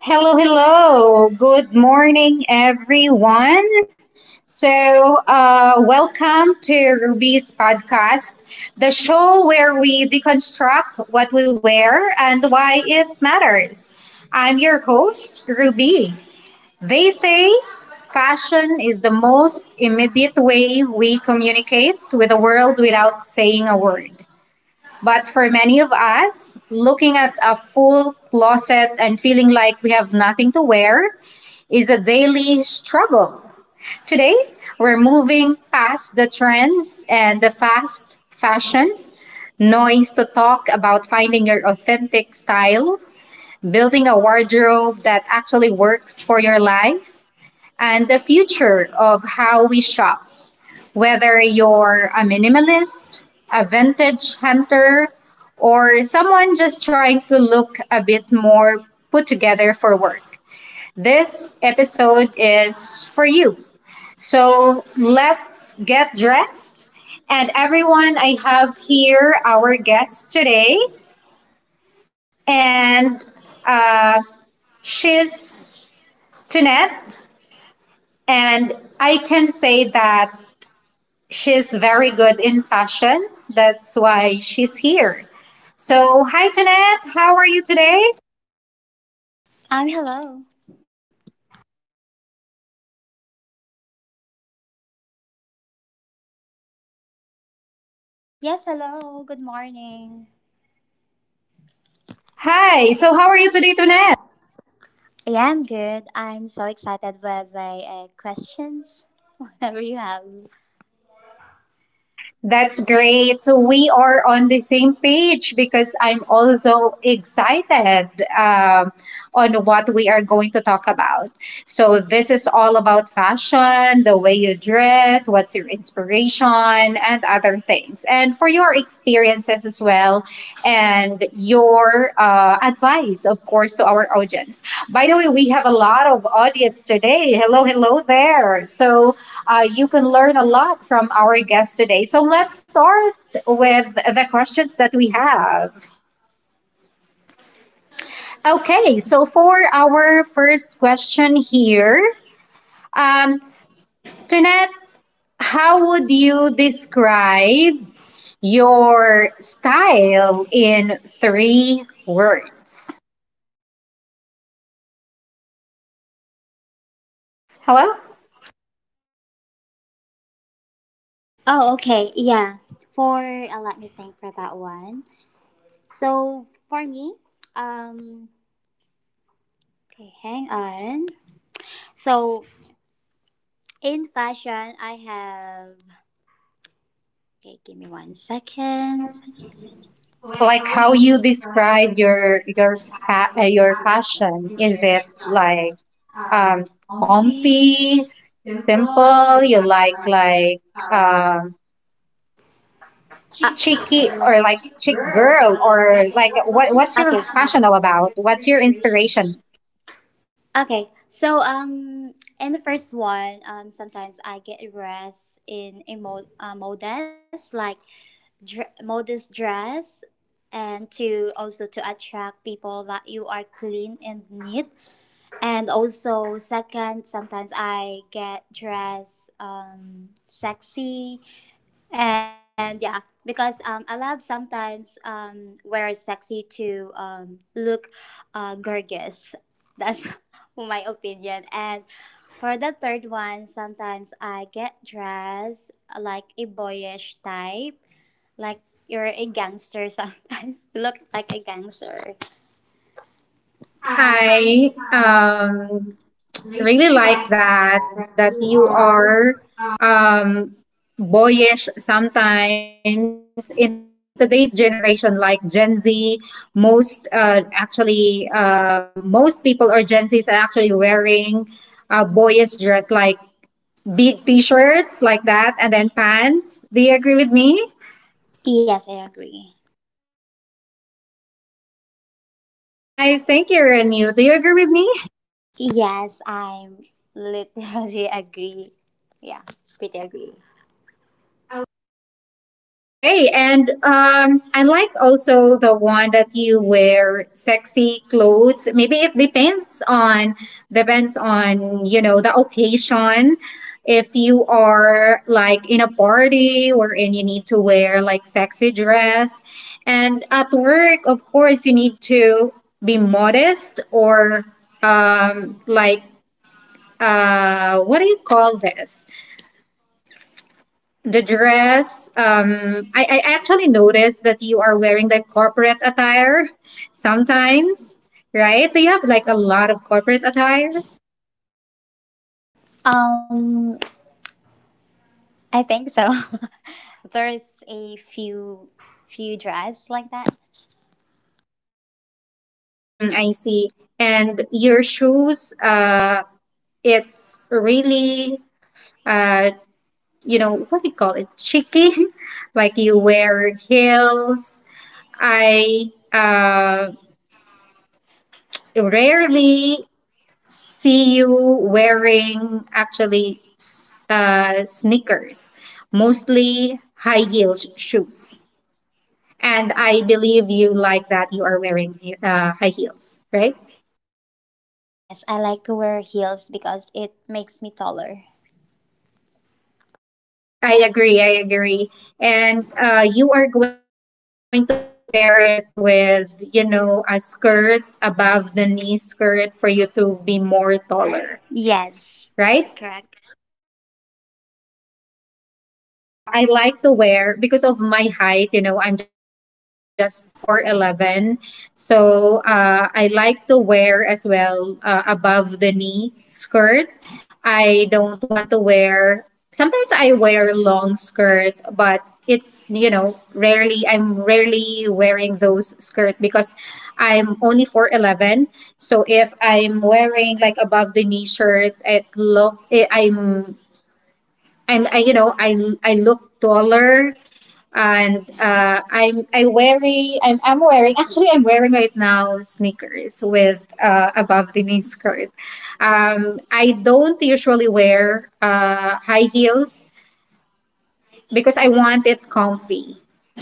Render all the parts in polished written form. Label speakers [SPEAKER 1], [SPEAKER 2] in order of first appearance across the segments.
[SPEAKER 1] Hello, hello. Good morning, everyone. So, welcome to Ruby's podcast, the show where we deconstruct what we wear and why it matters. I'm your host, Ruby. They say fashion is the most immediate way we communicate with the world without saying a word. But for many of us, looking at a full closet and feeling like we have nothing to wear is a daily struggle. Today, we're moving past the trends and the fast fashion noise to talk about finding your authentic style, building a wardrobe that actually works for your life, and the future of how we shop. Whether you're a minimalist, a vintage hunter, or someone just trying to look a bit more put together for work, this episode is for you. So let's get dressed. And everyone, I have here our guest today, and uh, she's Tunette. And I can say that she's very good in fashion. That's why she's here. So, hi, Jeanette. How are you today?
[SPEAKER 2] I'm hello. Yes, hello. Good morning.
[SPEAKER 1] Hi. So, how are you today, Jeanette?
[SPEAKER 2] Yeah, I'm good. I'm so excited with the questions. Whatever you have.
[SPEAKER 1] That's great. So we are on the same page because I'm also excited um, on what we are going to talk about. So this is all about fashion, the way you dress, what's your inspiration, and other things, and for your experiences as well, and your advice, of course, to our audience. By the way, we have a lot of audience today. Hello, hello there. So you can learn a lot from our guest today. So let's start with the questions that we have. Okay, so for our first question here, um, Jeanette, how would you describe your style in three words? Hello,
[SPEAKER 2] Oh, okay. Yeah. For let me think for that one. So for me, um, okay, hang on. So in fashion, I have. Okay, give me one second.
[SPEAKER 1] like how you describe your
[SPEAKER 2] Your
[SPEAKER 1] your
[SPEAKER 2] passion.
[SPEAKER 1] fashion? Is it
[SPEAKER 2] Exactly. Sorry.
[SPEAKER 1] like
[SPEAKER 2] Um,
[SPEAKER 1] um,
[SPEAKER 2] comfy,
[SPEAKER 1] comfy,
[SPEAKER 2] simple.
[SPEAKER 1] simple,
[SPEAKER 2] You
[SPEAKER 1] you
[SPEAKER 2] like
[SPEAKER 1] like
[SPEAKER 2] like
[SPEAKER 1] like
[SPEAKER 2] uh, Uh,
[SPEAKER 1] um cheeky
[SPEAKER 2] or
[SPEAKER 1] or
[SPEAKER 2] like
[SPEAKER 1] like
[SPEAKER 2] chick
[SPEAKER 1] chick
[SPEAKER 2] girl
[SPEAKER 1] girl
[SPEAKER 2] or
[SPEAKER 1] or
[SPEAKER 2] like
[SPEAKER 1] like
[SPEAKER 2] what?
[SPEAKER 1] what
[SPEAKER 2] What's your
[SPEAKER 1] what's your
[SPEAKER 2] okay.
[SPEAKER 1] passion
[SPEAKER 2] Style
[SPEAKER 1] all
[SPEAKER 2] about?
[SPEAKER 1] about?
[SPEAKER 2] What's
[SPEAKER 1] What's
[SPEAKER 2] your
[SPEAKER 1] your
[SPEAKER 2] inspiration?
[SPEAKER 1] inspiration?
[SPEAKER 2] Okay, so in the first one, sometimes I get dressed in a modest, like modest dress, and to also to attract people that you are clean and neat. And also, second, sometimes I get dressed sexy. And yeah, because I love sometimes wear sexy to look gorgeous. That's my opinion. And for the third one, sometimes I get dressed like a boyish type, like you're a gangster sometimes. Look like a gangster. I
[SPEAKER 1] I um
[SPEAKER 2] really
[SPEAKER 1] really
[SPEAKER 2] like
[SPEAKER 1] like
[SPEAKER 2] that
[SPEAKER 1] that
[SPEAKER 2] that
[SPEAKER 1] that
[SPEAKER 2] you
[SPEAKER 1] you
[SPEAKER 2] are.
[SPEAKER 1] are um boyish sometimes in today's generation, like Gen Z. Most actually, most people or Gen Zs are actually wearing a boyish dress, like t-shirts like that, and then pants. Do you agree with me?
[SPEAKER 2] Yes, I agree.
[SPEAKER 1] I think you're new. Do you agree with me?
[SPEAKER 2] Yes, I'm literally agree. Yeah, pretty agree.
[SPEAKER 1] Okay, and I like also the one that you wear sexy clothes. Maybe it depends on, you know, the occasion. If you are like in a party, or and you need to wear like sexy dress, and at work, of course, you need to be modest or like, what do you call this? The dress. I actually noticed that you are wearing like corporate attire sometimes, right? Do you have like a lot of corporate attires?
[SPEAKER 2] Um, I think so. There's a few dress like that.
[SPEAKER 1] Mm, I see. And your shoes, it's really, uh, you know, what do you call it? Cheeky. Like you wear heels. I rarely see you wearing actually sneakers, mostly high heel shoes. And I believe you like that you are wearing high heels, right?
[SPEAKER 2] Yes, I like to wear heels because it makes me taller.
[SPEAKER 1] I agree. I agree. And you are going to pair it with, you know, a skirt, above the knee skirt, for you to be more
[SPEAKER 2] Right.
[SPEAKER 1] taller,
[SPEAKER 2] Yes,
[SPEAKER 1] right?
[SPEAKER 2] correct.
[SPEAKER 1] Me as well. I like to wear because of my height. You know, I'm just 4'11", so I like to wear as well above the knee skirt. I don't want to wear. Sometimes I wear long skirt, but it's, rarely. I'm rarely wearing those skirt because I'm only 4'11". So if I'm wearing like above the knee shirt, I'm, I, you know, I I look taller, and I'm wearing right now sneakers with above the knee skirt. I don't usually wear high heels because I want it comfy.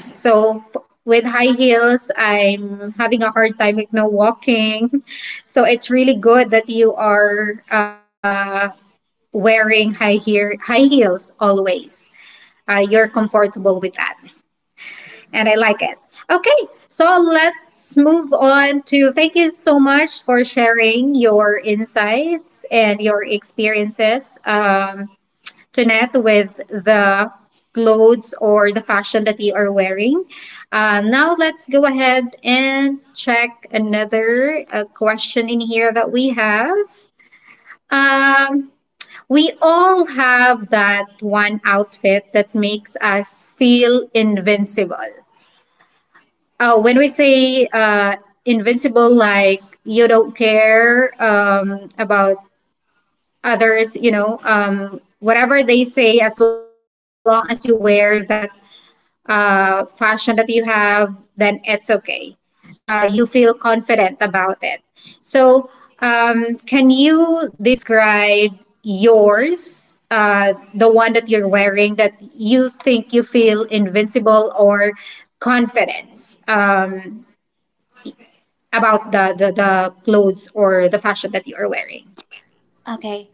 [SPEAKER 1] So with high heels, I'm having a hard time, you know, walking. So it's really good that you are wearing high heels always. You're comfortable with that. And I like it. Okay, so let's move on to, thank you so much for sharing your insights and your experiences, Jeanette, with the clothes or the fashion that you are wearing. Now let's go ahead and check another question in here that we have. Um, we all have that one outfit that makes us feel invincible. Oh, when we say invincible, like you don't care about others, you know, whatever they say, as long as you wear that fashion that you have, then it's okay. You feel confident about it. So, can you describe yours, the one that you're wearing that you think you feel invincible or confidence about the clothes or the fashion that you are wearing?
[SPEAKER 2] Okay,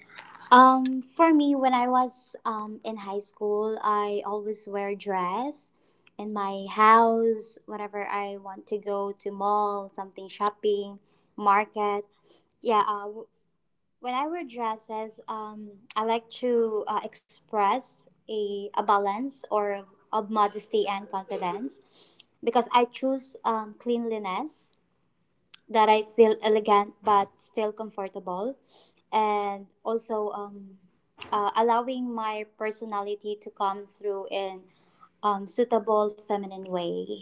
[SPEAKER 2] For me, when I was in high school, I always wear dress in my house, whenever I want to go to mall, something shopping, market. Yeah, when I wear dresses, I like to express a balance or of modesty and confidence because I choose cleanliness that I feel elegant but still comfortable, and also allowing my personality to come through in suitable feminine way.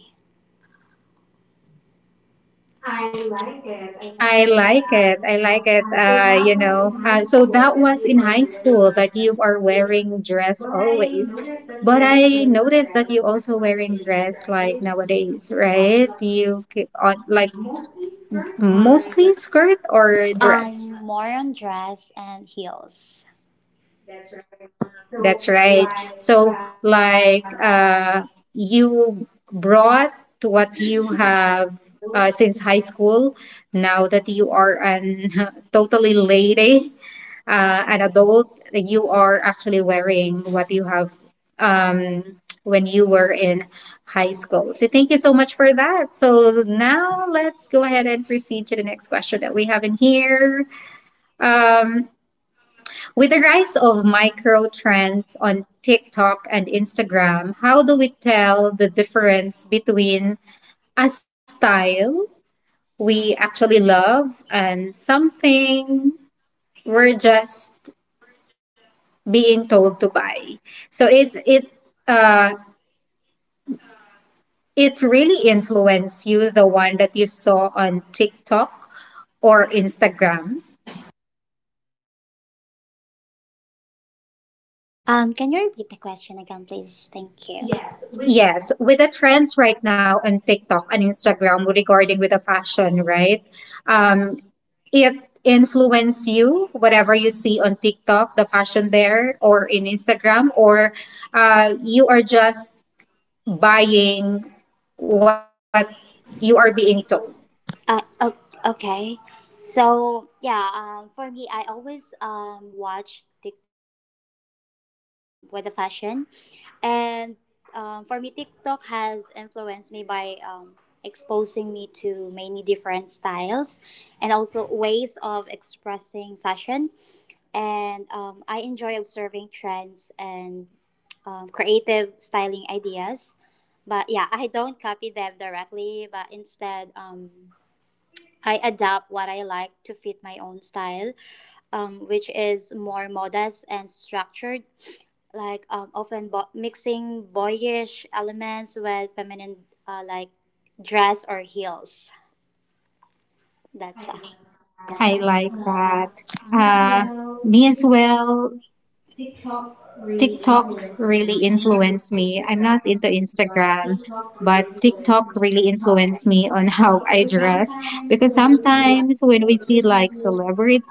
[SPEAKER 2] I like it. I like
[SPEAKER 1] I
[SPEAKER 2] it.
[SPEAKER 1] like it. I like it.
[SPEAKER 2] So that was in high
[SPEAKER 1] So
[SPEAKER 2] school
[SPEAKER 1] that
[SPEAKER 2] that
[SPEAKER 1] was
[SPEAKER 2] you
[SPEAKER 1] in
[SPEAKER 2] were
[SPEAKER 1] high school
[SPEAKER 2] wearing a
[SPEAKER 1] that you
[SPEAKER 2] dress
[SPEAKER 1] are
[SPEAKER 2] always.
[SPEAKER 1] wearing dress
[SPEAKER 2] But I
[SPEAKER 1] always.
[SPEAKER 2] noticed that you
[SPEAKER 1] But
[SPEAKER 2] also
[SPEAKER 1] I
[SPEAKER 2] wearing a
[SPEAKER 1] noticed that
[SPEAKER 2] dress
[SPEAKER 1] you
[SPEAKER 2] like
[SPEAKER 1] also wearing
[SPEAKER 2] always,
[SPEAKER 1] dress
[SPEAKER 2] right?
[SPEAKER 1] like
[SPEAKER 2] You
[SPEAKER 1] nowadays,
[SPEAKER 2] put on
[SPEAKER 1] right?
[SPEAKER 2] like
[SPEAKER 1] You keep on like
[SPEAKER 2] mostly skirt or
[SPEAKER 1] mostly
[SPEAKER 2] dress.
[SPEAKER 1] skirt or dress.
[SPEAKER 2] I'm more on dress and heels.
[SPEAKER 1] That's right. So like, you brought to what you have since high school. Now that you are an totally lady, an adult, you are actually wearing what you have when you were in high school. So thank you so much for that. So now let's go ahead and proceed to the next we have in here. Um, with the rise of micro trends on TikTok and Instagram, how do we tell the difference between a style we actually love and something we're just being told to buy? So uh it really influenced you, the one that you saw on TikTok or Instagram.
[SPEAKER 2] Can you repeat the question again, please? Thank you.
[SPEAKER 1] Yes, with the trends right now on TikTok and Instagram regarding with the fashion, right? Um, it influence you, whatever you see on TikTok, the fashion there or in Instagram, or you are just buying what you are being told.
[SPEAKER 2] Uh, o- okay. So yeah, for me, I always watch TikTok with the fashion, and for me, TikTok has influenced me by exposing me to many different styles and also ways of expressing fashion. And I enjoy observing trends and creative styling ideas. But yeah, I don't copy them directly, but instead, I adapt what I like to fit my own style, which is more modest and structured, like often mixing boyish elements with feminine, like dress or heels. That's
[SPEAKER 1] I like that. Uh,
[SPEAKER 2] us.
[SPEAKER 1] me as well.
[SPEAKER 2] TikTok really
[SPEAKER 1] TikTok
[SPEAKER 2] influenced me.
[SPEAKER 1] really
[SPEAKER 2] I'm not on
[SPEAKER 1] influenced me. I'm not
[SPEAKER 2] Instagram,
[SPEAKER 1] into
[SPEAKER 2] but
[SPEAKER 1] Instagram,
[SPEAKER 2] TikTok
[SPEAKER 1] but
[SPEAKER 2] really influenced
[SPEAKER 1] TikTok
[SPEAKER 2] me
[SPEAKER 1] really
[SPEAKER 2] on how I
[SPEAKER 1] influenced me on
[SPEAKER 2] dress.
[SPEAKER 1] how I
[SPEAKER 2] Because
[SPEAKER 1] dress,
[SPEAKER 2] sometimes
[SPEAKER 1] because
[SPEAKER 2] when you see like
[SPEAKER 1] sometimes when we see like
[SPEAKER 2] celebrities,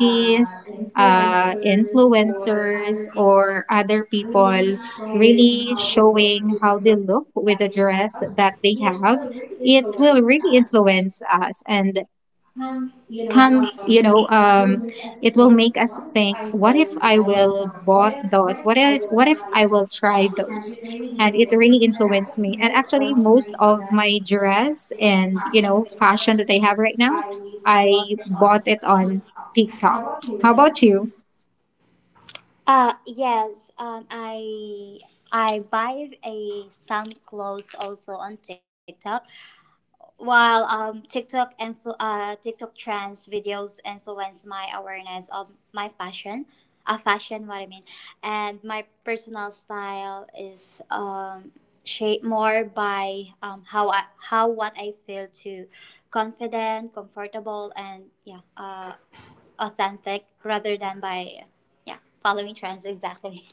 [SPEAKER 2] influencers, or
[SPEAKER 1] influencers,
[SPEAKER 2] other people
[SPEAKER 1] or other
[SPEAKER 2] really
[SPEAKER 1] people
[SPEAKER 2] showing
[SPEAKER 1] really
[SPEAKER 2] how to look
[SPEAKER 1] showing
[SPEAKER 2] with the
[SPEAKER 1] how they
[SPEAKER 2] dress
[SPEAKER 1] look with
[SPEAKER 2] that
[SPEAKER 1] the
[SPEAKER 2] they
[SPEAKER 1] dress
[SPEAKER 2] have,
[SPEAKER 1] that they
[SPEAKER 2] it
[SPEAKER 1] have,
[SPEAKER 2] will really
[SPEAKER 1] it will
[SPEAKER 2] influence
[SPEAKER 1] really
[SPEAKER 2] us.
[SPEAKER 1] influence us. And
[SPEAKER 2] And you know,
[SPEAKER 1] Come, you know
[SPEAKER 2] it will make us
[SPEAKER 1] it will
[SPEAKER 2] think,
[SPEAKER 1] make us
[SPEAKER 2] what if I
[SPEAKER 1] think,
[SPEAKER 2] will boss down? What if, what if I will
[SPEAKER 1] what if
[SPEAKER 2] try
[SPEAKER 1] I
[SPEAKER 2] this?
[SPEAKER 1] will try
[SPEAKER 2] And we
[SPEAKER 1] those.
[SPEAKER 2] really need to
[SPEAKER 1] And it really
[SPEAKER 2] listen to
[SPEAKER 1] influenced
[SPEAKER 2] that.
[SPEAKER 1] me.
[SPEAKER 2] Actually,
[SPEAKER 1] And
[SPEAKER 2] most
[SPEAKER 1] actually,
[SPEAKER 2] of
[SPEAKER 1] most
[SPEAKER 2] my
[SPEAKER 1] of
[SPEAKER 2] dress
[SPEAKER 1] my
[SPEAKER 2] and
[SPEAKER 1] dress
[SPEAKER 2] you know,
[SPEAKER 1] and, you
[SPEAKER 2] passion
[SPEAKER 1] know,
[SPEAKER 2] that I have
[SPEAKER 1] fashion
[SPEAKER 2] right
[SPEAKER 1] that I have right now,
[SPEAKER 2] I bought
[SPEAKER 1] I
[SPEAKER 2] it
[SPEAKER 1] bought
[SPEAKER 2] on
[SPEAKER 1] it on
[SPEAKER 2] TikTok. How
[SPEAKER 1] TikTok.
[SPEAKER 2] about
[SPEAKER 1] How
[SPEAKER 2] you?
[SPEAKER 1] about you?
[SPEAKER 2] Yes, um, I buy a some clothes also on TikTok. While TikTok TikTok trends videos influence my awareness of my fashion, fashion what I mean, and my personal style is shaped more by how what I feel to confident, comfortable, and yeah, authentic rather than by yeah following trends exactly.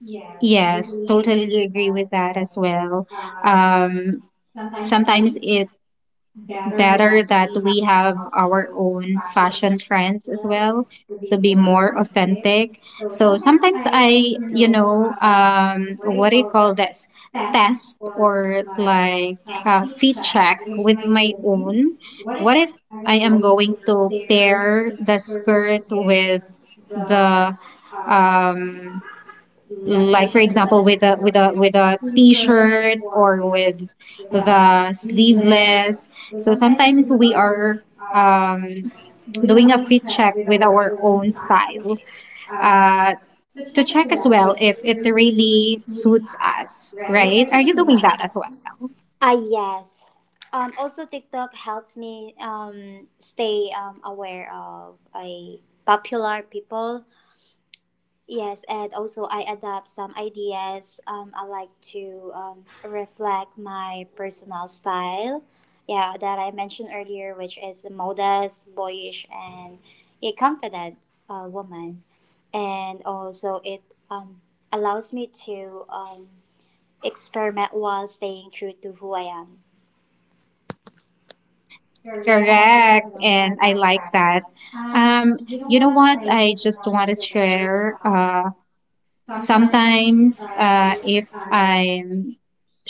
[SPEAKER 2] Yes, we
[SPEAKER 1] Yes,
[SPEAKER 2] really
[SPEAKER 1] totally
[SPEAKER 2] agree
[SPEAKER 1] do
[SPEAKER 2] with
[SPEAKER 1] agree
[SPEAKER 2] that
[SPEAKER 1] with
[SPEAKER 2] as
[SPEAKER 1] that as
[SPEAKER 2] well.
[SPEAKER 1] well.
[SPEAKER 2] Um,
[SPEAKER 1] um
[SPEAKER 2] sometimes
[SPEAKER 1] sometimes
[SPEAKER 2] it better
[SPEAKER 1] better
[SPEAKER 2] that
[SPEAKER 1] that
[SPEAKER 2] we have
[SPEAKER 1] we have our
[SPEAKER 2] powerful
[SPEAKER 1] own
[SPEAKER 2] fashion
[SPEAKER 1] fashion trends as
[SPEAKER 2] professionals
[SPEAKER 1] well,
[SPEAKER 2] to be
[SPEAKER 1] to be
[SPEAKER 2] more
[SPEAKER 1] more
[SPEAKER 2] effective.
[SPEAKER 1] authentic.
[SPEAKER 2] So
[SPEAKER 1] So
[SPEAKER 2] sometimes
[SPEAKER 1] sometimes
[SPEAKER 2] I, you
[SPEAKER 1] I, you
[SPEAKER 2] know,
[SPEAKER 1] know,
[SPEAKER 2] what do
[SPEAKER 1] what
[SPEAKER 2] you
[SPEAKER 1] do you
[SPEAKER 2] call it,
[SPEAKER 1] call this?
[SPEAKER 2] test
[SPEAKER 1] Test
[SPEAKER 2] or
[SPEAKER 1] or
[SPEAKER 2] like
[SPEAKER 1] like fit
[SPEAKER 2] feedback
[SPEAKER 1] check
[SPEAKER 2] with
[SPEAKER 1] with
[SPEAKER 2] my
[SPEAKER 1] my
[SPEAKER 2] own.
[SPEAKER 1] own.
[SPEAKER 2] What if
[SPEAKER 1] What if
[SPEAKER 2] I
[SPEAKER 1] I
[SPEAKER 2] am
[SPEAKER 1] am
[SPEAKER 2] going
[SPEAKER 1] going
[SPEAKER 2] to
[SPEAKER 1] to
[SPEAKER 2] pair
[SPEAKER 1] pair
[SPEAKER 2] the
[SPEAKER 1] the
[SPEAKER 2] service
[SPEAKER 1] skirt
[SPEAKER 2] with
[SPEAKER 1] with
[SPEAKER 2] the
[SPEAKER 1] the,
[SPEAKER 2] um
[SPEAKER 1] um
[SPEAKER 2] like for
[SPEAKER 1] like, for
[SPEAKER 2] example,
[SPEAKER 1] example, with
[SPEAKER 2] whether
[SPEAKER 1] a
[SPEAKER 2] it's
[SPEAKER 1] with a
[SPEAKER 2] with
[SPEAKER 1] with a
[SPEAKER 2] a t-shirt
[SPEAKER 1] t-shirt,
[SPEAKER 2] or
[SPEAKER 1] or with
[SPEAKER 2] with a
[SPEAKER 1] the
[SPEAKER 2] sleeveless.
[SPEAKER 1] sleeveless.
[SPEAKER 2] So
[SPEAKER 1] So
[SPEAKER 2] sometimes
[SPEAKER 1] sometimes
[SPEAKER 2] we
[SPEAKER 1] we
[SPEAKER 2] are
[SPEAKER 1] are
[SPEAKER 2] uh,
[SPEAKER 1] um,
[SPEAKER 2] doing a
[SPEAKER 1] doing a
[SPEAKER 2] quick
[SPEAKER 1] fit
[SPEAKER 2] check
[SPEAKER 1] check
[SPEAKER 2] with
[SPEAKER 1] with
[SPEAKER 2] our
[SPEAKER 1] our
[SPEAKER 2] own
[SPEAKER 1] own
[SPEAKER 2] style
[SPEAKER 1] style,
[SPEAKER 2] uh,
[SPEAKER 1] uh,
[SPEAKER 2] to
[SPEAKER 1] to
[SPEAKER 2] check as
[SPEAKER 1] check as
[SPEAKER 2] well
[SPEAKER 1] well
[SPEAKER 2] if it
[SPEAKER 1] if it
[SPEAKER 2] really
[SPEAKER 1] really
[SPEAKER 2] suits
[SPEAKER 1] suits
[SPEAKER 2] us,
[SPEAKER 1] us,
[SPEAKER 2] right?
[SPEAKER 1] right?
[SPEAKER 2] Are
[SPEAKER 1] Are
[SPEAKER 2] you
[SPEAKER 1] you
[SPEAKER 2] doing
[SPEAKER 1] doing
[SPEAKER 2] that
[SPEAKER 1] that
[SPEAKER 2] as
[SPEAKER 1] as
[SPEAKER 2] well?
[SPEAKER 1] well?
[SPEAKER 2] Ah, yes. Also, TikTok helps me stay aware of a popular people. Yes, and also I adopt some ideas. I like to reflect my personal style, yeah, that I mentioned earlier, which is modest, boyish, and a confident woman. And also, it um, allows me to experiment while staying true to who I am. Correct, and
[SPEAKER 1] Correct,
[SPEAKER 2] I
[SPEAKER 1] and I
[SPEAKER 2] like
[SPEAKER 1] like
[SPEAKER 2] that.
[SPEAKER 1] that.
[SPEAKER 2] Um,
[SPEAKER 1] um,
[SPEAKER 2] you know
[SPEAKER 1] you know
[SPEAKER 2] what?
[SPEAKER 1] what,
[SPEAKER 2] I
[SPEAKER 1] I
[SPEAKER 2] just
[SPEAKER 1] just
[SPEAKER 2] want
[SPEAKER 1] want to
[SPEAKER 2] to share.
[SPEAKER 1] share.
[SPEAKER 2] Sometimes
[SPEAKER 1] Sometimes,
[SPEAKER 2] if
[SPEAKER 1] if
[SPEAKER 2] I'm
[SPEAKER 1] I'm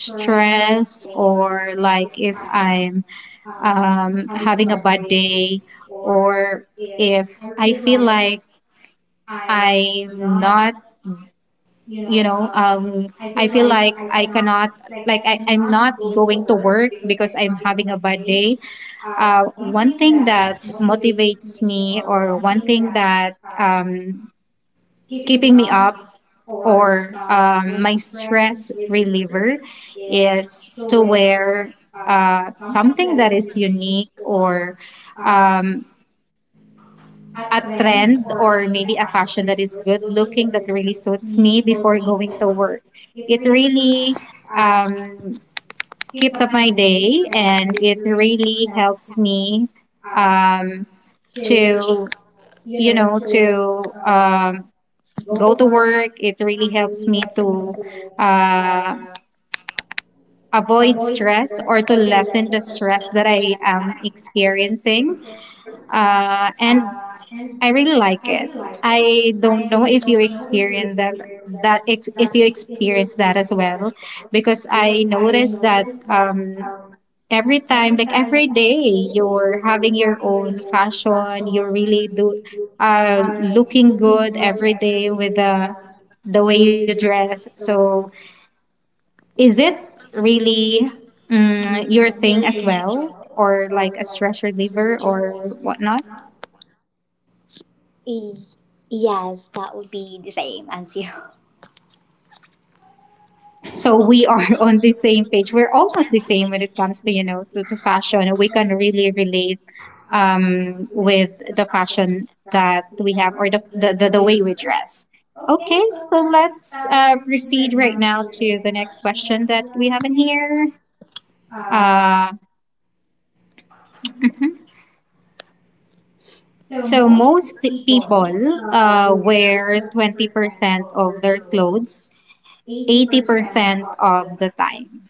[SPEAKER 2] stressed or
[SPEAKER 1] or
[SPEAKER 2] like
[SPEAKER 1] like
[SPEAKER 2] if
[SPEAKER 1] if
[SPEAKER 2] I'm
[SPEAKER 1] I'm
[SPEAKER 2] having a
[SPEAKER 1] having a
[SPEAKER 2] bad
[SPEAKER 1] bad
[SPEAKER 2] day
[SPEAKER 1] day,
[SPEAKER 2] or
[SPEAKER 1] or
[SPEAKER 2] if I
[SPEAKER 1] if I
[SPEAKER 2] feel
[SPEAKER 1] feel
[SPEAKER 2] like
[SPEAKER 1] like
[SPEAKER 2] I'm
[SPEAKER 1] I'm
[SPEAKER 2] not,
[SPEAKER 1] not,
[SPEAKER 2] you
[SPEAKER 1] you
[SPEAKER 2] know,
[SPEAKER 1] know,
[SPEAKER 2] I
[SPEAKER 1] I
[SPEAKER 2] feel
[SPEAKER 1] feel
[SPEAKER 2] like
[SPEAKER 1] like
[SPEAKER 2] I
[SPEAKER 1] I
[SPEAKER 2] cannot,
[SPEAKER 1] cannot,
[SPEAKER 2] like
[SPEAKER 1] like
[SPEAKER 2] I,
[SPEAKER 1] I,
[SPEAKER 2] I'm
[SPEAKER 1] i'm not
[SPEAKER 2] not going to
[SPEAKER 1] going to
[SPEAKER 2] work
[SPEAKER 1] work
[SPEAKER 2] because
[SPEAKER 1] because
[SPEAKER 2] I'm
[SPEAKER 1] I'm
[SPEAKER 2] having a
[SPEAKER 1] having a
[SPEAKER 2] bad
[SPEAKER 1] bad
[SPEAKER 2] day.
[SPEAKER 1] day.
[SPEAKER 2] One
[SPEAKER 1] One
[SPEAKER 2] thing
[SPEAKER 1] thing
[SPEAKER 2] that
[SPEAKER 1] that
[SPEAKER 2] motivates
[SPEAKER 1] motivates
[SPEAKER 2] me
[SPEAKER 1] me,
[SPEAKER 2] or
[SPEAKER 1] or
[SPEAKER 2] one
[SPEAKER 1] one
[SPEAKER 2] thing
[SPEAKER 1] thing
[SPEAKER 2] that
[SPEAKER 1] that
[SPEAKER 2] keeping me
[SPEAKER 1] keeping me
[SPEAKER 2] up
[SPEAKER 1] up,
[SPEAKER 2] or
[SPEAKER 1] or
[SPEAKER 2] my
[SPEAKER 1] my
[SPEAKER 2] stress
[SPEAKER 1] stress
[SPEAKER 2] reliever
[SPEAKER 1] reliever,
[SPEAKER 2] is
[SPEAKER 1] is
[SPEAKER 2] to
[SPEAKER 1] to
[SPEAKER 2] wear
[SPEAKER 1] wear
[SPEAKER 2] something
[SPEAKER 1] something
[SPEAKER 2] that
[SPEAKER 1] that
[SPEAKER 2] is
[SPEAKER 1] is
[SPEAKER 2] unique
[SPEAKER 1] unique, or
[SPEAKER 2] or um,
[SPEAKER 1] um, a
[SPEAKER 2] a trend
[SPEAKER 1] trend,
[SPEAKER 2] or
[SPEAKER 1] or
[SPEAKER 2] maybe
[SPEAKER 1] maybe
[SPEAKER 2] a
[SPEAKER 1] a
[SPEAKER 2] fashion
[SPEAKER 1] fashion
[SPEAKER 2] that
[SPEAKER 1] that
[SPEAKER 2] is
[SPEAKER 1] is
[SPEAKER 2] good
[SPEAKER 1] good
[SPEAKER 2] looking
[SPEAKER 1] looking
[SPEAKER 2] that
[SPEAKER 1] that really
[SPEAKER 2] really suits
[SPEAKER 1] suits me
[SPEAKER 2] me before
[SPEAKER 1] before going
[SPEAKER 2] going
[SPEAKER 1] to
[SPEAKER 2] to
[SPEAKER 1] work.
[SPEAKER 2] work.
[SPEAKER 1] It
[SPEAKER 2] It really
[SPEAKER 1] really
[SPEAKER 2] um,
[SPEAKER 1] um, keeps
[SPEAKER 2] keeps
[SPEAKER 1] up
[SPEAKER 2] up
[SPEAKER 1] my
[SPEAKER 2] my daily
[SPEAKER 1] day, and
[SPEAKER 2] and
[SPEAKER 1] it
[SPEAKER 2] it really
[SPEAKER 1] really
[SPEAKER 2] helps
[SPEAKER 1] helps
[SPEAKER 2] me
[SPEAKER 1] me
[SPEAKER 2] uh,
[SPEAKER 1] um, to,
[SPEAKER 2] to
[SPEAKER 1] you
[SPEAKER 2] you
[SPEAKER 1] know,
[SPEAKER 2] know,
[SPEAKER 1] to
[SPEAKER 2] to
[SPEAKER 1] go
[SPEAKER 2] go
[SPEAKER 1] to
[SPEAKER 2] to
[SPEAKER 1] work.
[SPEAKER 2] work
[SPEAKER 1] It
[SPEAKER 2] if you
[SPEAKER 1] really
[SPEAKER 2] need
[SPEAKER 1] helps me
[SPEAKER 2] action
[SPEAKER 1] to.
[SPEAKER 2] to uh,
[SPEAKER 1] Uh, avoid
[SPEAKER 2] avoid stress
[SPEAKER 1] stress, or
[SPEAKER 2] or
[SPEAKER 1] to
[SPEAKER 2] to
[SPEAKER 1] lessen
[SPEAKER 2] lessen
[SPEAKER 1] the
[SPEAKER 2] the
[SPEAKER 1] stress
[SPEAKER 2] stress
[SPEAKER 1] that I
[SPEAKER 2] that I
[SPEAKER 1] am
[SPEAKER 2] am experiencing.
[SPEAKER 1] experiencing. And
[SPEAKER 2] And
[SPEAKER 1] I
[SPEAKER 2] I
[SPEAKER 1] really
[SPEAKER 2] really like
[SPEAKER 1] like it.
[SPEAKER 2] it.
[SPEAKER 1] I
[SPEAKER 2] I
[SPEAKER 1] don't
[SPEAKER 2] don't
[SPEAKER 1] know
[SPEAKER 2] know
[SPEAKER 1] if
[SPEAKER 2] if
[SPEAKER 1] you
[SPEAKER 2] you
[SPEAKER 1] experience
[SPEAKER 2] experience
[SPEAKER 1] that,
[SPEAKER 2] that, that if,
[SPEAKER 1] if
[SPEAKER 2] if
[SPEAKER 1] you
[SPEAKER 2] you
[SPEAKER 1] experience
[SPEAKER 2] experience
[SPEAKER 1] that
[SPEAKER 2] that
[SPEAKER 1] as
[SPEAKER 2] as
[SPEAKER 1] well,
[SPEAKER 2] well,
[SPEAKER 1] because
[SPEAKER 2] because I
[SPEAKER 1] I noticed
[SPEAKER 2] noticed
[SPEAKER 1] that
[SPEAKER 2] that um,
[SPEAKER 1] every
[SPEAKER 2] every
[SPEAKER 1] time,
[SPEAKER 2] time,
[SPEAKER 1] like
[SPEAKER 2] like every
[SPEAKER 1] every day,
[SPEAKER 2] day,
[SPEAKER 1] you're
[SPEAKER 2] you're
[SPEAKER 1] having
[SPEAKER 2] having
[SPEAKER 1] your
[SPEAKER 2] your own
[SPEAKER 1] own
[SPEAKER 2] passion,
[SPEAKER 1] fashion. You're
[SPEAKER 2] you're
[SPEAKER 1] really
[SPEAKER 2] really
[SPEAKER 1] do,
[SPEAKER 2] do, uh,
[SPEAKER 1] looking
[SPEAKER 2] looking
[SPEAKER 1] good
[SPEAKER 2] good
[SPEAKER 1] every
[SPEAKER 2] every day
[SPEAKER 1] day with
[SPEAKER 2] with
[SPEAKER 1] the the
[SPEAKER 2] the
[SPEAKER 1] way
[SPEAKER 2] way
[SPEAKER 1] you
[SPEAKER 2] you dress.
[SPEAKER 1] dress. So
[SPEAKER 2] So
[SPEAKER 1] is
[SPEAKER 2] is
[SPEAKER 1] it
[SPEAKER 2] it really
[SPEAKER 1] really, mm, your thing
[SPEAKER 2] you're
[SPEAKER 1] as
[SPEAKER 2] as
[SPEAKER 1] well?
[SPEAKER 2] well
[SPEAKER 1] Or
[SPEAKER 2] for
[SPEAKER 1] like
[SPEAKER 2] like
[SPEAKER 1] a
[SPEAKER 2] as a
[SPEAKER 1] stress
[SPEAKER 2] stress reliever
[SPEAKER 1] reliever
[SPEAKER 2] or
[SPEAKER 1] or whatnot.
[SPEAKER 2] whatnot? Y- Yes, that would be the same as you.
[SPEAKER 1] So
[SPEAKER 2] So
[SPEAKER 1] we
[SPEAKER 2] we're
[SPEAKER 1] are
[SPEAKER 2] not on
[SPEAKER 1] on the
[SPEAKER 2] the
[SPEAKER 1] same
[SPEAKER 2] same thing.
[SPEAKER 1] page. We're
[SPEAKER 2] We're all
[SPEAKER 1] almost the
[SPEAKER 2] on the same
[SPEAKER 1] same when
[SPEAKER 2] when
[SPEAKER 1] it
[SPEAKER 2] it
[SPEAKER 1] comes
[SPEAKER 2] comes
[SPEAKER 1] to,
[SPEAKER 2] to
[SPEAKER 1] you know,
[SPEAKER 2] with
[SPEAKER 1] to
[SPEAKER 2] the fashion.
[SPEAKER 1] fashion.
[SPEAKER 2] We
[SPEAKER 1] We
[SPEAKER 2] can
[SPEAKER 1] can
[SPEAKER 2] really
[SPEAKER 1] really
[SPEAKER 2] do
[SPEAKER 1] relate with
[SPEAKER 2] with
[SPEAKER 1] the
[SPEAKER 2] the fashion
[SPEAKER 1] fashion that
[SPEAKER 2] that
[SPEAKER 1] we
[SPEAKER 2] we
[SPEAKER 1] have,
[SPEAKER 2] have
[SPEAKER 1] or
[SPEAKER 2] or
[SPEAKER 1] the,
[SPEAKER 2] the,
[SPEAKER 1] the,
[SPEAKER 2] the,
[SPEAKER 1] the,
[SPEAKER 2] the
[SPEAKER 1] the
[SPEAKER 2] way
[SPEAKER 1] way we
[SPEAKER 2] we dress.
[SPEAKER 1] dress. Okay,
[SPEAKER 2] Okay,
[SPEAKER 1] so
[SPEAKER 2] so let's
[SPEAKER 1] let's proceed
[SPEAKER 2] proceed
[SPEAKER 1] right
[SPEAKER 2] right
[SPEAKER 1] now
[SPEAKER 2] now to the
[SPEAKER 1] to the
[SPEAKER 2] next
[SPEAKER 1] next question
[SPEAKER 2] question
[SPEAKER 1] that
[SPEAKER 2] that
[SPEAKER 1] we
[SPEAKER 2] we
[SPEAKER 1] have
[SPEAKER 2] have
[SPEAKER 1] in
[SPEAKER 2] in
[SPEAKER 1] here. Uh,
[SPEAKER 2] here.
[SPEAKER 1] mhm.
[SPEAKER 2] Uh,
[SPEAKER 1] So
[SPEAKER 2] So
[SPEAKER 1] most
[SPEAKER 2] most
[SPEAKER 1] people
[SPEAKER 2] people
[SPEAKER 1] wear
[SPEAKER 2] wear twenty
[SPEAKER 1] 20%
[SPEAKER 2] percent
[SPEAKER 1] of
[SPEAKER 2] of
[SPEAKER 1] their
[SPEAKER 2] their clothes,
[SPEAKER 1] clothes
[SPEAKER 2] eighty
[SPEAKER 1] 80%
[SPEAKER 2] percent of
[SPEAKER 1] of the
[SPEAKER 2] the.
[SPEAKER 1] time.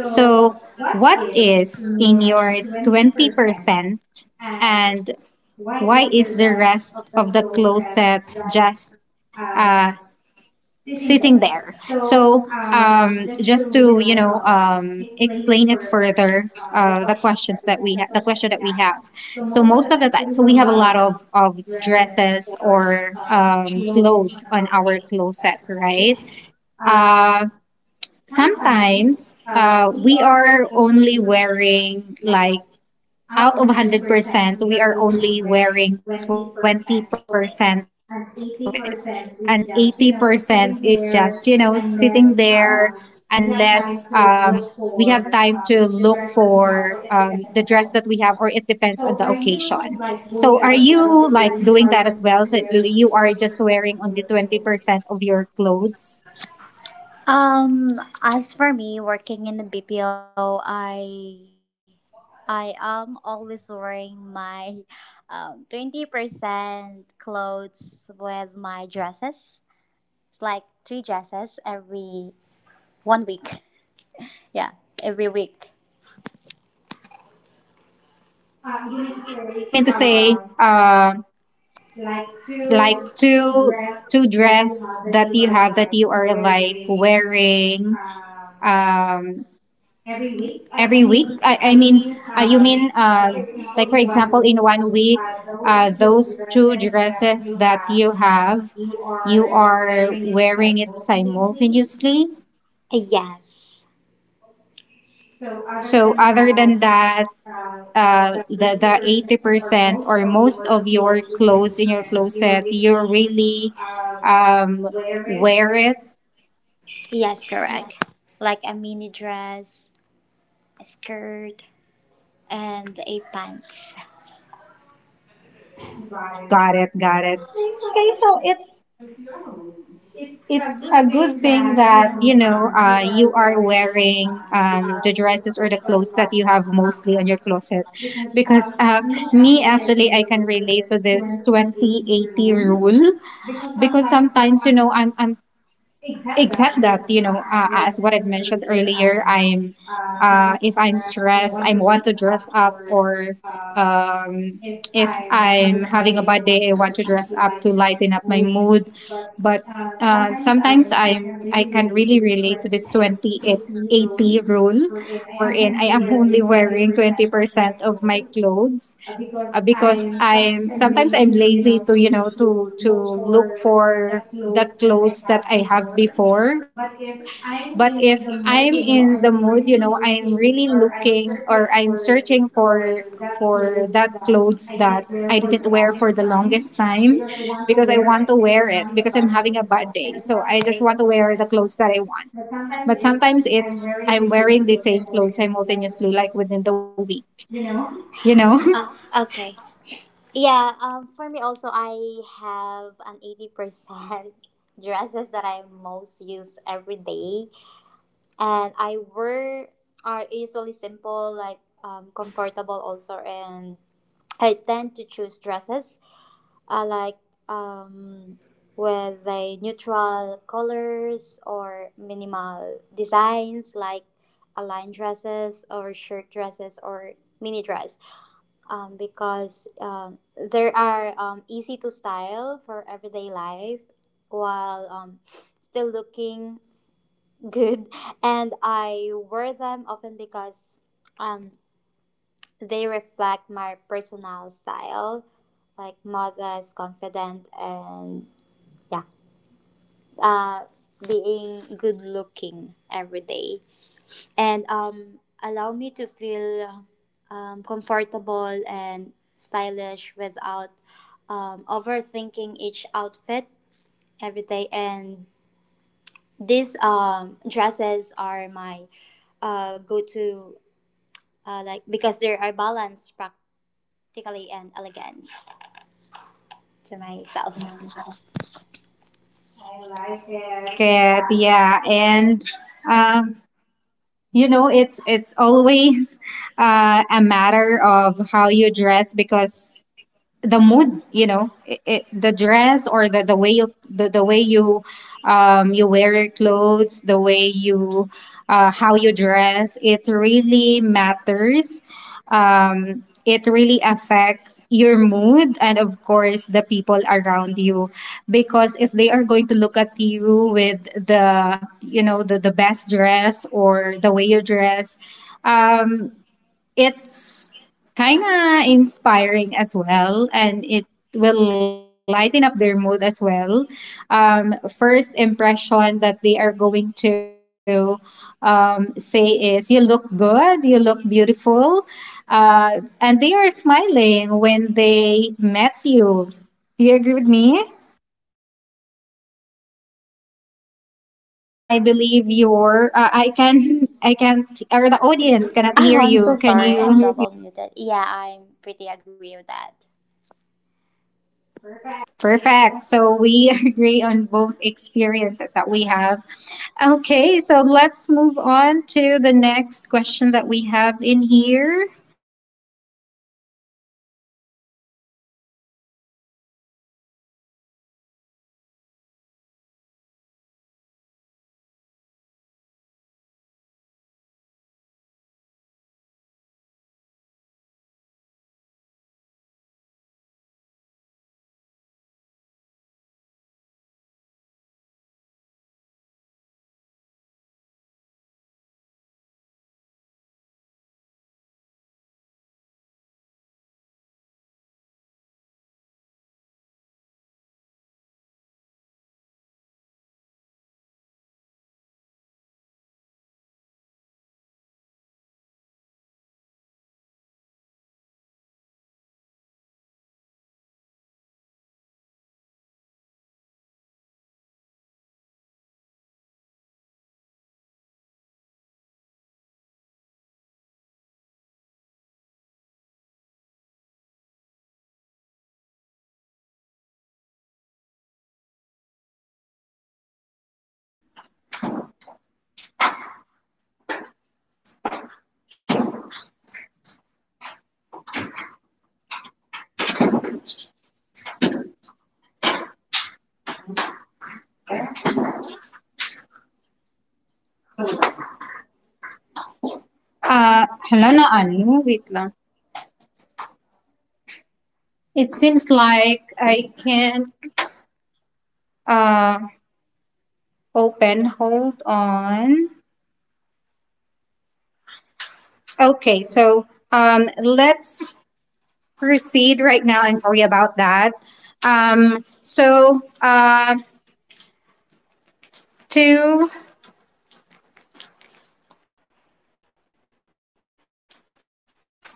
[SPEAKER 1] So
[SPEAKER 2] So
[SPEAKER 1] what
[SPEAKER 2] what is
[SPEAKER 1] is in
[SPEAKER 2] in your
[SPEAKER 1] your
[SPEAKER 2] twenty
[SPEAKER 1] 20%,
[SPEAKER 2] percent, and
[SPEAKER 1] and why
[SPEAKER 2] why
[SPEAKER 1] is
[SPEAKER 2] is the
[SPEAKER 1] the
[SPEAKER 2] rest
[SPEAKER 1] rest
[SPEAKER 2] of
[SPEAKER 1] of the
[SPEAKER 2] the clothes
[SPEAKER 1] closet
[SPEAKER 2] that just
[SPEAKER 1] just
[SPEAKER 2] uh,
[SPEAKER 1] a sitting
[SPEAKER 2] sitting there.
[SPEAKER 1] there.
[SPEAKER 2] So
[SPEAKER 1] Just
[SPEAKER 2] just to
[SPEAKER 1] to
[SPEAKER 2] you know
[SPEAKER 1] explain
[SPEAKER 2] explain
[SPEAKER 1] it
[SPEAKER 2] it
[SPEAKER 1] further,
[SPEAKER 2] further,
[SPEAKER 1] the
[SPEAKER 2] the
[SPEAKER 1] question
[SPEAKER 2] question
[SPEAKER 1] that
[SPEAKER 2] that we
[SPEAKER 1] we have.
[SPEAKER 2] have.
[SPEAKER 1] So
[SPEAKER 2] So
[SPEAKER 1] most
[SPEAKER 2] most
[SPEAKER 1] of
[SPEAKER 2] of
[SPEAKER 1] the
[SPEAKER 2] the
[SPEAKER 1] time,
[SPEAKER 2] time,
[SPEAKER 1] so
[SPEAKER 2] so
[SPEAKER 1] we
[SPEAKER 2] we
[SPEAKER 1] have a
[SPEAKER 2] have a
[SPEAKER 1] lot
[SPEAKER 2] lot of
[SPEAKER 1] of
[SPEAKER 2] dresses
[SPEAKER 1] dresses
[SPEAKER 2] or
[SPEAKER 1] or clothes
[SPEAKER 2] clothes on
[SPEAKER 1] on our
[SPEAKER 2] our clothes
[SPEAKER 1] closet,
[SPEAKER 2] set,
[SPEAKER 1] right?
[SPEAKER 2] right?
[SPEAKER 1] Uh,
[SPEAKER 2] Uh,
[SPEAKER 1] Sometimes
[SPEAKER 2] sometimes
[SPEAKER 1] we
[SPEAKER 2] we
[SPEAKER 1] are
[SPEAKER 2] are
[SPEAKER 1] only
[SPEAKER 2] only wearing
[SPEAKER 1] wearing like
[SPEAKER 2] like
[SPEAKER 1] out
[SPEAKER 2] out
[SPEAKER 1] of
[SPEAKER 2] of 100%,
[SPEAKER 1] 100%, we
[SPEAKER 2] we
[SPEAKER 1] are
[SPEAKER 2] are
[SPEAKER 1] only
[SPEAKER 2] only
[SPEAKER 1] wearing
[SPEAKER 2] wearing
[SPEAKER 1] 20%
[SPEAKER 2] 20%
[SPEAKER 1] of
[SPEAKER 2] of
[SPEAKER 1] it.
[SPEAKER 2] it.
[SPEAKER 1] And
[SPEAKER 2] And
[SPEAKER 1] 80%
[SPEAKER 2] 80%
[SPEAKER 1] is
[SPEAKER 2] is
[SPEAKER 1] just,
[SPEAKER 2] just,
[SPEAKER 1] you
[SPEAKER 2] you know,
[SPEAKER 1] know, sitting
[SPEAKER 2] sitting
[SPEAKER 1] there
[SPEAKER 2] there unless
[SPEAKER 1] unless
[SPEAKER 2] we have time to
[SPEAKER 1] we
[SPEAKER 2] look
[SPEAKER 1] have time
[SPEAKER 2] for
[SPEAKER 1] to look
[SPEAKER 2] the dress that
[SPEAKER 1] for
[SPEAKER 2] we have or it
[SPEAKER 1] the dress
[SPEAKER 2] depends
[SPEAKER 1] that
[SPEAKER 2] on
[SPEAKER 1] we have, or it
[SPEAKER 2] the occasion.
[SPEAKER 1] depends on the
[SPEAKER 2] So are
[SPEAKER 1] occasion.
[SPEAKER 2] you like
[SPEAKER 1] So are
[SPEAKER 2] going that as
[SPEAKER 1] you
[SPEAKER 2] well?
[SPEAKER 1] like
[SPEAKER 2] That
[SPEAKER 1] doing
[SPEAKER 2] you
[SPEAKER 1] that
[SPEAKER 2] are
[SPEAKER 1] as well?
[SPEAKER 2] just
[SPEAKER 1] So
[SPEAKER 2] wearing
[SPEAKER 1] you are just
[SPEAKER 2] 20% of
[SPEAKER 1] wearing
[SPEAKER 2] your
[SPEAKER 1] only
[SPEAKER 2] clothes?
[SPEAKER 1] 20% of your clothes?
[SPEAKER 2] As for me, working in the BPO, I am always wearing my 20% clothes with my dresses. It's like three dresses every 1 week. Yeah, every week. You
[SPEAKER 1] You
[SPEAKER 2] mean
[SPEAKER 1] mean
[SPEAKER 2] to
[SPEAKER 1] to say,
[SPEAKER 2] say, Like
[SPEAKER 1] like two
[SPEAKER 2] two
[SPEAKER 1] two
[SPEAKER 2] two dress
[SPEAKER 1] dress that
[SPEAKER 2] that
[SPEAKER 1] you
[SPEAKER 2] you
[SPEAKER 1] have
[SPEAKER 2] have that
[SPEAKER 1] that
[SPEAKER 2] you
[SPEAKER 1] you are
[SPEAKER 2] are like
[SPEAKER 1] like
[SPEAKER 2] wearing.
[SPEAKER 1] wearing
[SPEAKER 2] Um,
[SPEAKER 1] um, every
[SPEAKER 2] Every
[SPEAKER 1] week?
[SPEAKER 2] week? I,
[SPEAKER 1] I,
[SPEAKER 2] I
[SPEAKER 1] I mean,
[SPEAKER 2] mean,
[SPEAKER 1] you
[SPEAKER 2] you mean,
[SPEAKER 1] mean,
[SPEAKER 2] for
[SPEAKER 1] for
[SPEAKER 2] example,
[SPEAKER 1] example,
[SPEAKER 2] in
[SPEAKER 1] in
[SPEAKER 2] one
[SPEAKER 1] one
[SPEAKER 2] week,
[SPEAKER 1] week,
[SPEAKER 2] those
[SPEAKER 1] those
[SPEAKER 2] two
[SPEAKER 1] two
[SPEAKER 2] dresses that
[SPEAKER 1] dresses
[SPEAKER 2] you
[SPEAKER 1] that
[SPEAKER 2] have,
[SPEAKER 1] you have,
[SPEAKER 2] you
[SPEAKER 1] you
[SPEAKER 2] are
[SPEAKER 1] are
[SPEAKER 2] wearing it
[SPEAKER 1] wearing it
[SPEAKER 2] simultaneously?
[SPEAKER 1] simultaneously?
[SPEAKER 2] Yes. So other
[SPEAKER 1] So,
[SPEAKER 2] than
[SPEAKER 1] other
[SPEAKER 2] that,
[SPEAKER 1] than that,
[SPEAKER 2] uh, the
[SPEAKER 1] the
[SPEAKER 2] 80%
[SPEAKER 1] eighty
[SPEAKER 2] or
[SPEAKER 1] percent
[SPEAKER 2] most
[SPEAKER 1] or
[SPEAKER 2] of
[SPEAKER 1] most
[SPEAKER 2] your
[SPEAKER 1] of your
[SPEAKER 2] clothing
[SPEAKER 1] clothes in your
[SPEAKER 2] you
[SPEAKER 1] closet, you
[SPEAKER 2] really
[SPEAKER 1] really
[SPEAKER 2] um,
[SPEAKER 1] um
[SPEAKER 2] wear it?
[SPEAKER 1] wear it.
[SPEAKER 2] Yes, correct. Like a mini dress, a skirt, and a pants.
[SPEAKER 1] Got it, got it. Okay, so it
[SPEAKER 2] It's
[SPEAKER 1] it's
[SPEAKER 2] a
[SPEAKER 1] a
[SPEAKER 2] good
[SPEAKER 1] good
[SPEAKER 2] thing
[SPEAKER 1] thing that
[SPEAKER 2] that, you
[SPEAKER 1] you
[SPEAKER 2] know,
[SPEAKER 1] know
[SPEAKER 2] we
[SPEAKER 1] you are
[SPEAKER 2] are very,
[SPEAKER 1] wearing the dresses or the clothes that
[SPEAKER 2] because
[SPEAKER 1] you have mostly on your closet because
[SPEAKER 2] me
[SPEAKER 1] me actually,
[SPEAKER 2] actually,
[SPEAKER 1] I
[SPEAKER 2] I can
[SPEAKER 1] can
[SPEAKER 2] relate
[SPEAKER 1] relate to
[SPEAKER 2] to
[SPEAKER 1] this
[SPEAKER 2] this twenty-eight
[SPEAKER 1] 2080
[SPEAKER 2] year
[SPEAKER 1] rule
[SPEAKER 2] old.
[SPEAKER 1] because
[SPEAKER 2] Because sometimes,
[SPEAKER 1] sometimes you
[SPEAKER 2] you
[SPEAKER 1] know
[SPEAKER 2] know, I'm,
[SPEAKER 1] I'm
[SPEAKER 2] I'm
[SPEAKER 1] except
[SPEAKER 2] except that,
[SPEAKER 1] that you
[SPEAKER 2] you know,
[SPEAKER 1] know as
[SPEAKER 2] as what
[SPEAKER 1] what
[SPEAKER 2] I
[SPEAKER 1] I've mentioned
[SPEAKER 2] mentioned
[SPEAKER 1] earlier,
[SPEAKER 2] earlier,
[SPEAKER 1] I'm
[SPEAKER 2] I'm,
[SPEAKER 1] if
[SPEAKER 2] if
[SPEAKER 1] I'm
[SPEAKER 2] I'm stressed,
[SPEAKER 1] stressed, I
[SPEAKER 2] I
[SPEAKER 1] want
[SPEAKER 2] want
[SPEAKER 1] to
[SPEAKER 2] to work
[SPEAKER 1] dress up,
[SPEAKER 2] out or,
[SPEAKER 1] or
[SPEAKER 2] um,
[SPEAKER 1] um
[SPEAKER 2] if
[SPEAKER 1] if I'm
[SPEAKER 2] I'm having
[SPEAKER 1] having a
[SPEAKER 2] a
[SPEAKER 1] bad
[SPEAKER 2] bad day,
[SPEAKER 1] day, I
[SPEAKER 2] I
[SPEAKER 1] want
[SPEAKER 2] want
[SPEAKER 1] to
[SPEAKER 2] to
[SPEAKER 1] dress
[SPEAKER 2] work out
[SPEAKER 1] up
[SPEAKER 2] to
[SPEAKER 1] to lighten
[SPEAKER 2] lighten
[SPEAKER 1] up
[SPEAKER 2] up
[SPEAKER 1] my
[SPEAKER 2] my mood.
[SPEAKER 1] mood. But
[SPEAKER 2] But, sometimes
[SPEAKER 1] sometimes
[SPEAKER 2] I,
[SPEAKER 1] i
[SPEAKER 2] I
[SPEAKER 1] i
[SPEAKER 2] can
[SPEAKER 1] can
[SPEAKER 2] really
[SPEAKER 1] really
[SPEAKER 2] relate
[SPEAKER 1] relate to
[SPEAKER 2] with
[SPEAKER 1] this
[SPEAKER 2] stress to an
[SPEAKER 1] 20
[SPEAKER 2] a AC
[SPEAKER 1] 80
[SPEAKER 2] room,
[SPEAKER 1] rule
[SPEAKER 2] wherein I am
[SPEAKER 1] wherein I
[SPEAKER 2] only
[SPEAKER 1] am only
[SPEAKER 2] wearing twenty
[SPEAKER 1] wearing
[SPEAKER 2] percent of
[SPEAKER 1] 20%
[SPEAKER 2] my
[SPEAKER 1] of my
[SPEAKER 2] clothes
[SPEAKER 1] clothes
[SPEAKER 2] because
[SPEAKER 1] because
[SPEAKER 2] I'm sometimes
[SPEAKER 1] I'm sometimes I'm
[SPEAKER 2] lazy to you
[SPEAKER 1] lazy
[SPEAKER 2] know
[SPEAKER 1] to
[SPEAKER 2] to
[SPEAKER 1] to
[SPEAKER 2] to
[SPEAKER 1] to
[SPEAKER 2] look
[SPEAKER 1] look
[SPEAKER 2] for the
[SPEAKER 1] for the
[SPEAKER 2] clothes that I
[SPEAKER 1] clothes that
[SPEAKER 2] have
[SPEAKER 1] I have
[SPEAKER 2] before.
[SPEAKER 1] before.
[SPEAKER 2] But if
[SPEAKER 1] But if
[SPEAKER 2] I'm in the
[SPEAKER 1] I'm in
[SPEAKER 2] mood,
[SPEAKER 1] the
[SPEAKER 2] you know,
[SPEAKER 1] mood, you
[SPEAKER 2] I'm
[SPEAKER 1] know, I'm
[SPEAKER 2] really
[SPEAKER 1] really
[SPEAKER 2] looking or
[SPEAKER 1] looking
[SPEAKER 2] I'm
[SPEAKER 1] or I'm
[SPEAKER 2] searching for
[SPEAKER 1] searching for
[SPEAKER 2] for that
[SPEAKER 1] for
[SPEAKER 2] clothes
[SPEAKER 1] that
[SPEAKER 2] that
[SPEAKER 1] clothes
[SPEAKER 2] I
[SPEAKER 1] that
[SPEAKER 2] did
[SPEAKER 1] I
[SPEAKER 2] wear for
[SPEAKER 1] didn't
[SPEAKER 2] the
[SPEAKER 1] wear for
[SPEAKER 2] longest
[SPEAKER 1] the
[SPEAKER 2] time
[SPEAKER 1] longest time,
[SPEAKER 2] because I want to
[SPEAKER 1] because I
[SPEAKER 2] wear
[SPEAKER 1] want
[SPEAKER 2] it
[SPEAKER 1] to
[SPEAKER 2] because
[SPEAKER 1] wear
[SPEAKER 2] I'm
[SPEAKER 1] it
[SPEAKER 2] having a
[SPEAKER 1] because I'm having
[SPEAKER 2] budget.
[SPEAKER 1] a bad
[SPEAKER 2] So I
[SPEAKER 1] day.
[SPEAKER 2] just
[SPEAKER 1] So
[SPEAKER 2] want
[SPEAKER 1] I
[SPEAKER 2] to wear
[SPEAKER 1] just
[SPEAKER 2] the
[SPEAKER 1] want to
[SPEAKER 2] clothes that
[SPEAKER 1] wear the
[SPEAKER 2] I want.
[SPEAKER 1] clothes that I want.
[SPEAKER 2] But sometimes
[SPEAKER 1] But
[SPEAKER 2] if
[SPEAKER 1] sometimes
[SPEAKER 2] I'm
[SPEAKER 1] it's
[SPEAKER 2] wearing
[SPEAKER 1] I'm
[SPEAKER 2] the same
[SPEAKER 1] wearing the
[SPEAKER 2] clothes and
[SPEAKER 1] same
[SPEAKER 2] nothing
[SPEAKER 1] clothes
[SPEAKER 2] is
[SPEAKER 1] simultaneously like
[SPEAKER 2] like,
[SPEAKER 1] within the week,
[SPEAKER 2] you know.
[SPEAKER 1] you know?
[SPEAKER 2] Oh, okay. Yeah, for me also, I have an 80% dresses that I most use every day. And I wear are usually simple, like comfortable also. And I tend to choose dresses like um, with a neutral colors or minimal designs like a line dresses or shirt dresses or mini dress because there are easy to style for everyday life while still looking good and I wear them often because um, they reflect my personal style like modest confident and yeah uh, being good looking every day and allow me to feel comfortable and stylish without overthinking each outfit every day. And these dresses are my go to, like because they are balanced practically and elegant to myself.
[SPEAKER 1] And like it, yeah, and um you know, it's always a matter of how you dress, because the mood, you know it I the dress or the way you the way you you wear your clothes, the way you how you dress, it really matters. It really affects your mood, and of course the people around you, because if they are going to look at you with the, you know, the best dress or the way you dress, um it's kind of inspiring as well, and it will lighten up their mood as well. First impression that they are going to say is you look good, you look beautiful, uh and they are smiling when they met you. Do you agree with me? I believe your I can I can't, or the audience cannot hear
[SPEAKER 2] Oh, I'm so
[SPEAKER 1] you. Can
[SPEAKER 2] sorry. I'm
[SPEAKER 1] you?
[SPEAKER 2] double muted. Yeah, I'm pretty agree with that.
[SPEAKER 1] Perfect. So we agree on both experiences that we have. Okay, so let's move on to the next question that we have in here. Helena Anu, wait lang. It seems like I can't uh, open. Hold on. Okay, so let's proceed right now. I'm sorry about that. So to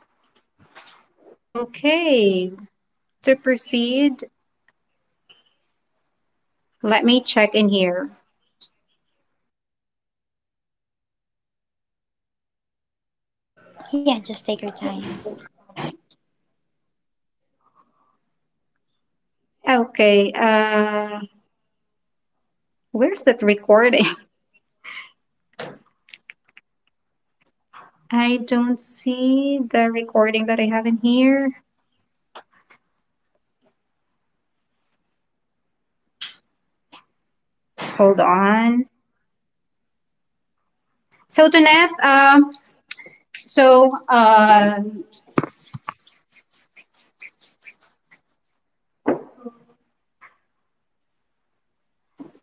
[SPEAKER 1] Okay, to proceed, let me check in here.
[SPEAKER 2] Yeah, just take your time.
[SPEAKER 1] Okay. Where's that recording? I don't see the recording that I have in here. Hold on. So, Jeanette, so, uh,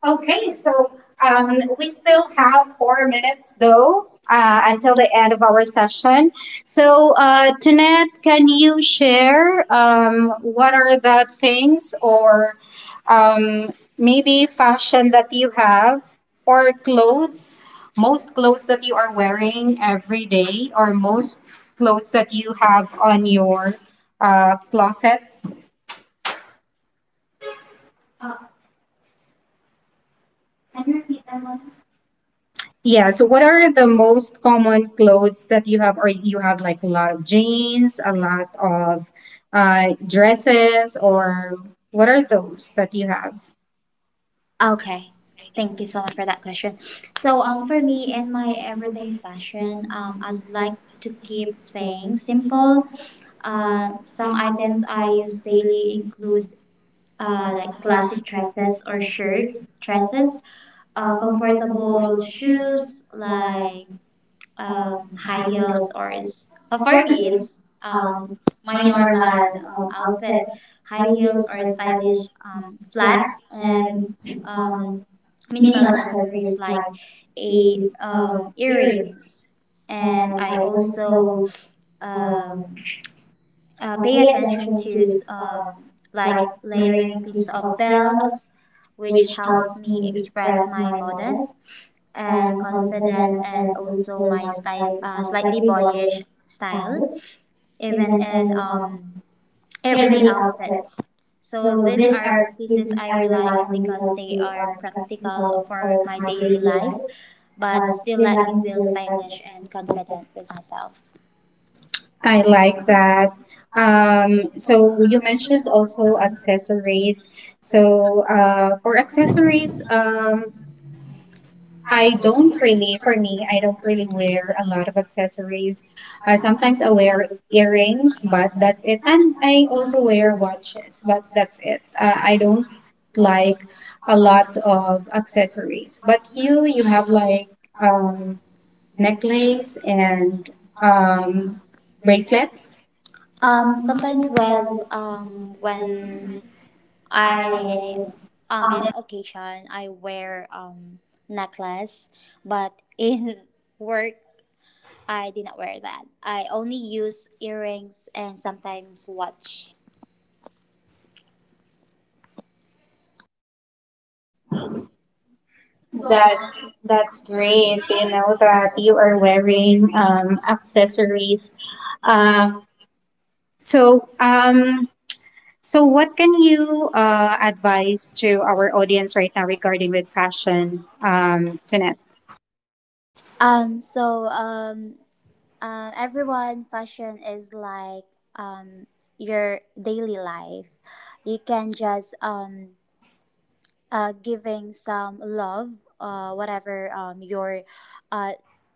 [SPEAKER 1] okay, so we still have 4 minutes though until the end of our session. So, Jeanette, can you share what are the things, or um, maybe fashion that you have, or clothes, most clothes that you are wearing every day, or most clothes that you have on your closet? Yeah, so what are the most common clothes that you have? Or you have like a lot of jeans, a lot of dresses, or what are those that you have?
[SPEAKER 2] Okay. Thank you so much for that question. So, for me in my everyday fashion, I'd like to keep things simple. Some items I use daily include like classic dresses or shirt dresses, comfortable shoes like high heels or for me it's um, my normal outfit high heels or stylish flats and um, minimal accessories like a earrings and I also um, pay attention to like layering pieces of belts, which helps me express my modest and confident and also my style slightly boyish style even in everyday outfits so these are pieces I rely on because they are practical for my daily life but still let me feel stylish and confident with myself. Hi,
[SPEAKER 1] I like
[SPEAKER 2] Vaipa.
[SPEAKER 1] that.
[SPEAKER 2] So
[SPEAKER 1] So
[SPEAKER 2] you
[SPEAKER 1] you
[SPEAKER 2] mentioned
[SPEAKER 1] mentioned
[SPEAKER 2] also
[SPEAKER 1] also
[SPEAKER 2] accessories.
[SPEAKER 1] accessories.
[SPEAKER 2] So
[SPEAKER 1] So
[SPEAKER 2] for
[SPEAKER 1] for accessories,
[SPEAKER 2] accessories,
[SPEAKER 1] I
[SPEAKER 2] I don't
[SPEAKER 1] don't
[SPEAKER 2] really,
[SPEAKER 1] really,
[SPEAKER 2] for
[SPEAKER 1] for
[SPEAKER 2] me,
[SPEAKER 1] me,
[SPEAKER 2] I
[SPEAKER 1] I don't
[SPEAKER 2] don't
[SPEAKER 1] really
[SPEAKER 2] really wear
[SPEAKER 1] wear a lot of accessories.
[SPEAKER 2] accessories. I sometimes
[SPEAKER 1] Sometimes I
[SPEAKER 2] will
[SPEAKER 1] wear
[SPEAKER 2] wear earrings,
[SPEAKER 1] earrings, but
[SPEAKER 2] but that's
[SPEAKER 1] that's
[SPEAKER 2] it.
[SPEAKER 1] it.
[SPEAKER 2] And
[SPEAKER 1] And
[SPEAKER 2] I
[SPEAKER 1] I
[SPEAKER 2] will also
[SPEAKER 1] also wear
[SPEAKER 2] wear watches,
[SPEAKER 1] watches, but
[SPEAKER 2] but that's
[SPEAKER 1] that's it.
[SPEAKER 2] it. I
[SPEAKER 1] I don't
[SPEAKER 2] don't like
[SPEAKER 1] like
[SPEAKER 2] a
[SPEAKER 1] a
[SPEAKER 2] lot
[SPEAKER 1] lot
[SPEAKER 2] of
[SPEAKER 1] of
[SPEAKER 2] accessories.
[SPEAKER 1] accessories.
[SPEAKER 2] But
[SPEAKER 1] But you,
[SPEAKER 2] you, you
[SPEAKER 1] you
[SPEAKER 2] have
[SPEAKER 1] have
[SPEAKER 2] like
[SPEAKER 1] like
[SPEAKER 2] um,
[SPEAKER 1] um, necklace
[SPEAKER 2] necklaces and
[SPEAKER 1] and
[SPEAKER 2] um,
[SPEAKER 1] um, bracelets.
[SPEAKER 2] sometimes with when I in occasion I wear necklace, but in work I did not wear that. I only use earrings and sometimes watch.
[SPEAKER 1] That that's great. You know that you are wearing accessories. Um, So, um, so what can you advise to our audience right now regarding with fashion, Jeanette?
[SPEAKER 2] Um, so um, everyone, fashion is like um your daily life. You can just giving some love, whatever your uh,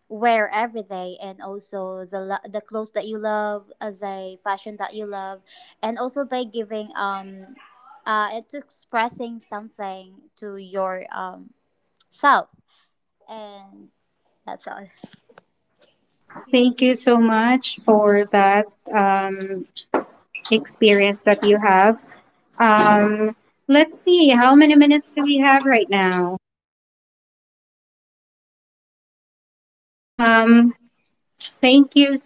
[SPEAKER 2] wear every day, and also the clothes that you love, the fashion that you love, and also by giving it's expressing something to your self, and that's all.
[SPEAKER 1] Thank you so much for that um, experience that you have. Um, let's see, how many minutes do we have right now? Um, Thank you.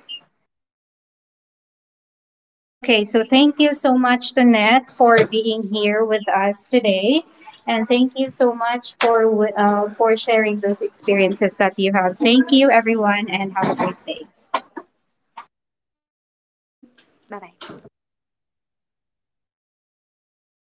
[SPEAKER 1] Okay, so thank you so much, Tanette, for being here with us today. And thank you so much for, for sharing those experiences that you have. Thank you, everyone, and have a great day.
[SPEAKER 2] Thank you.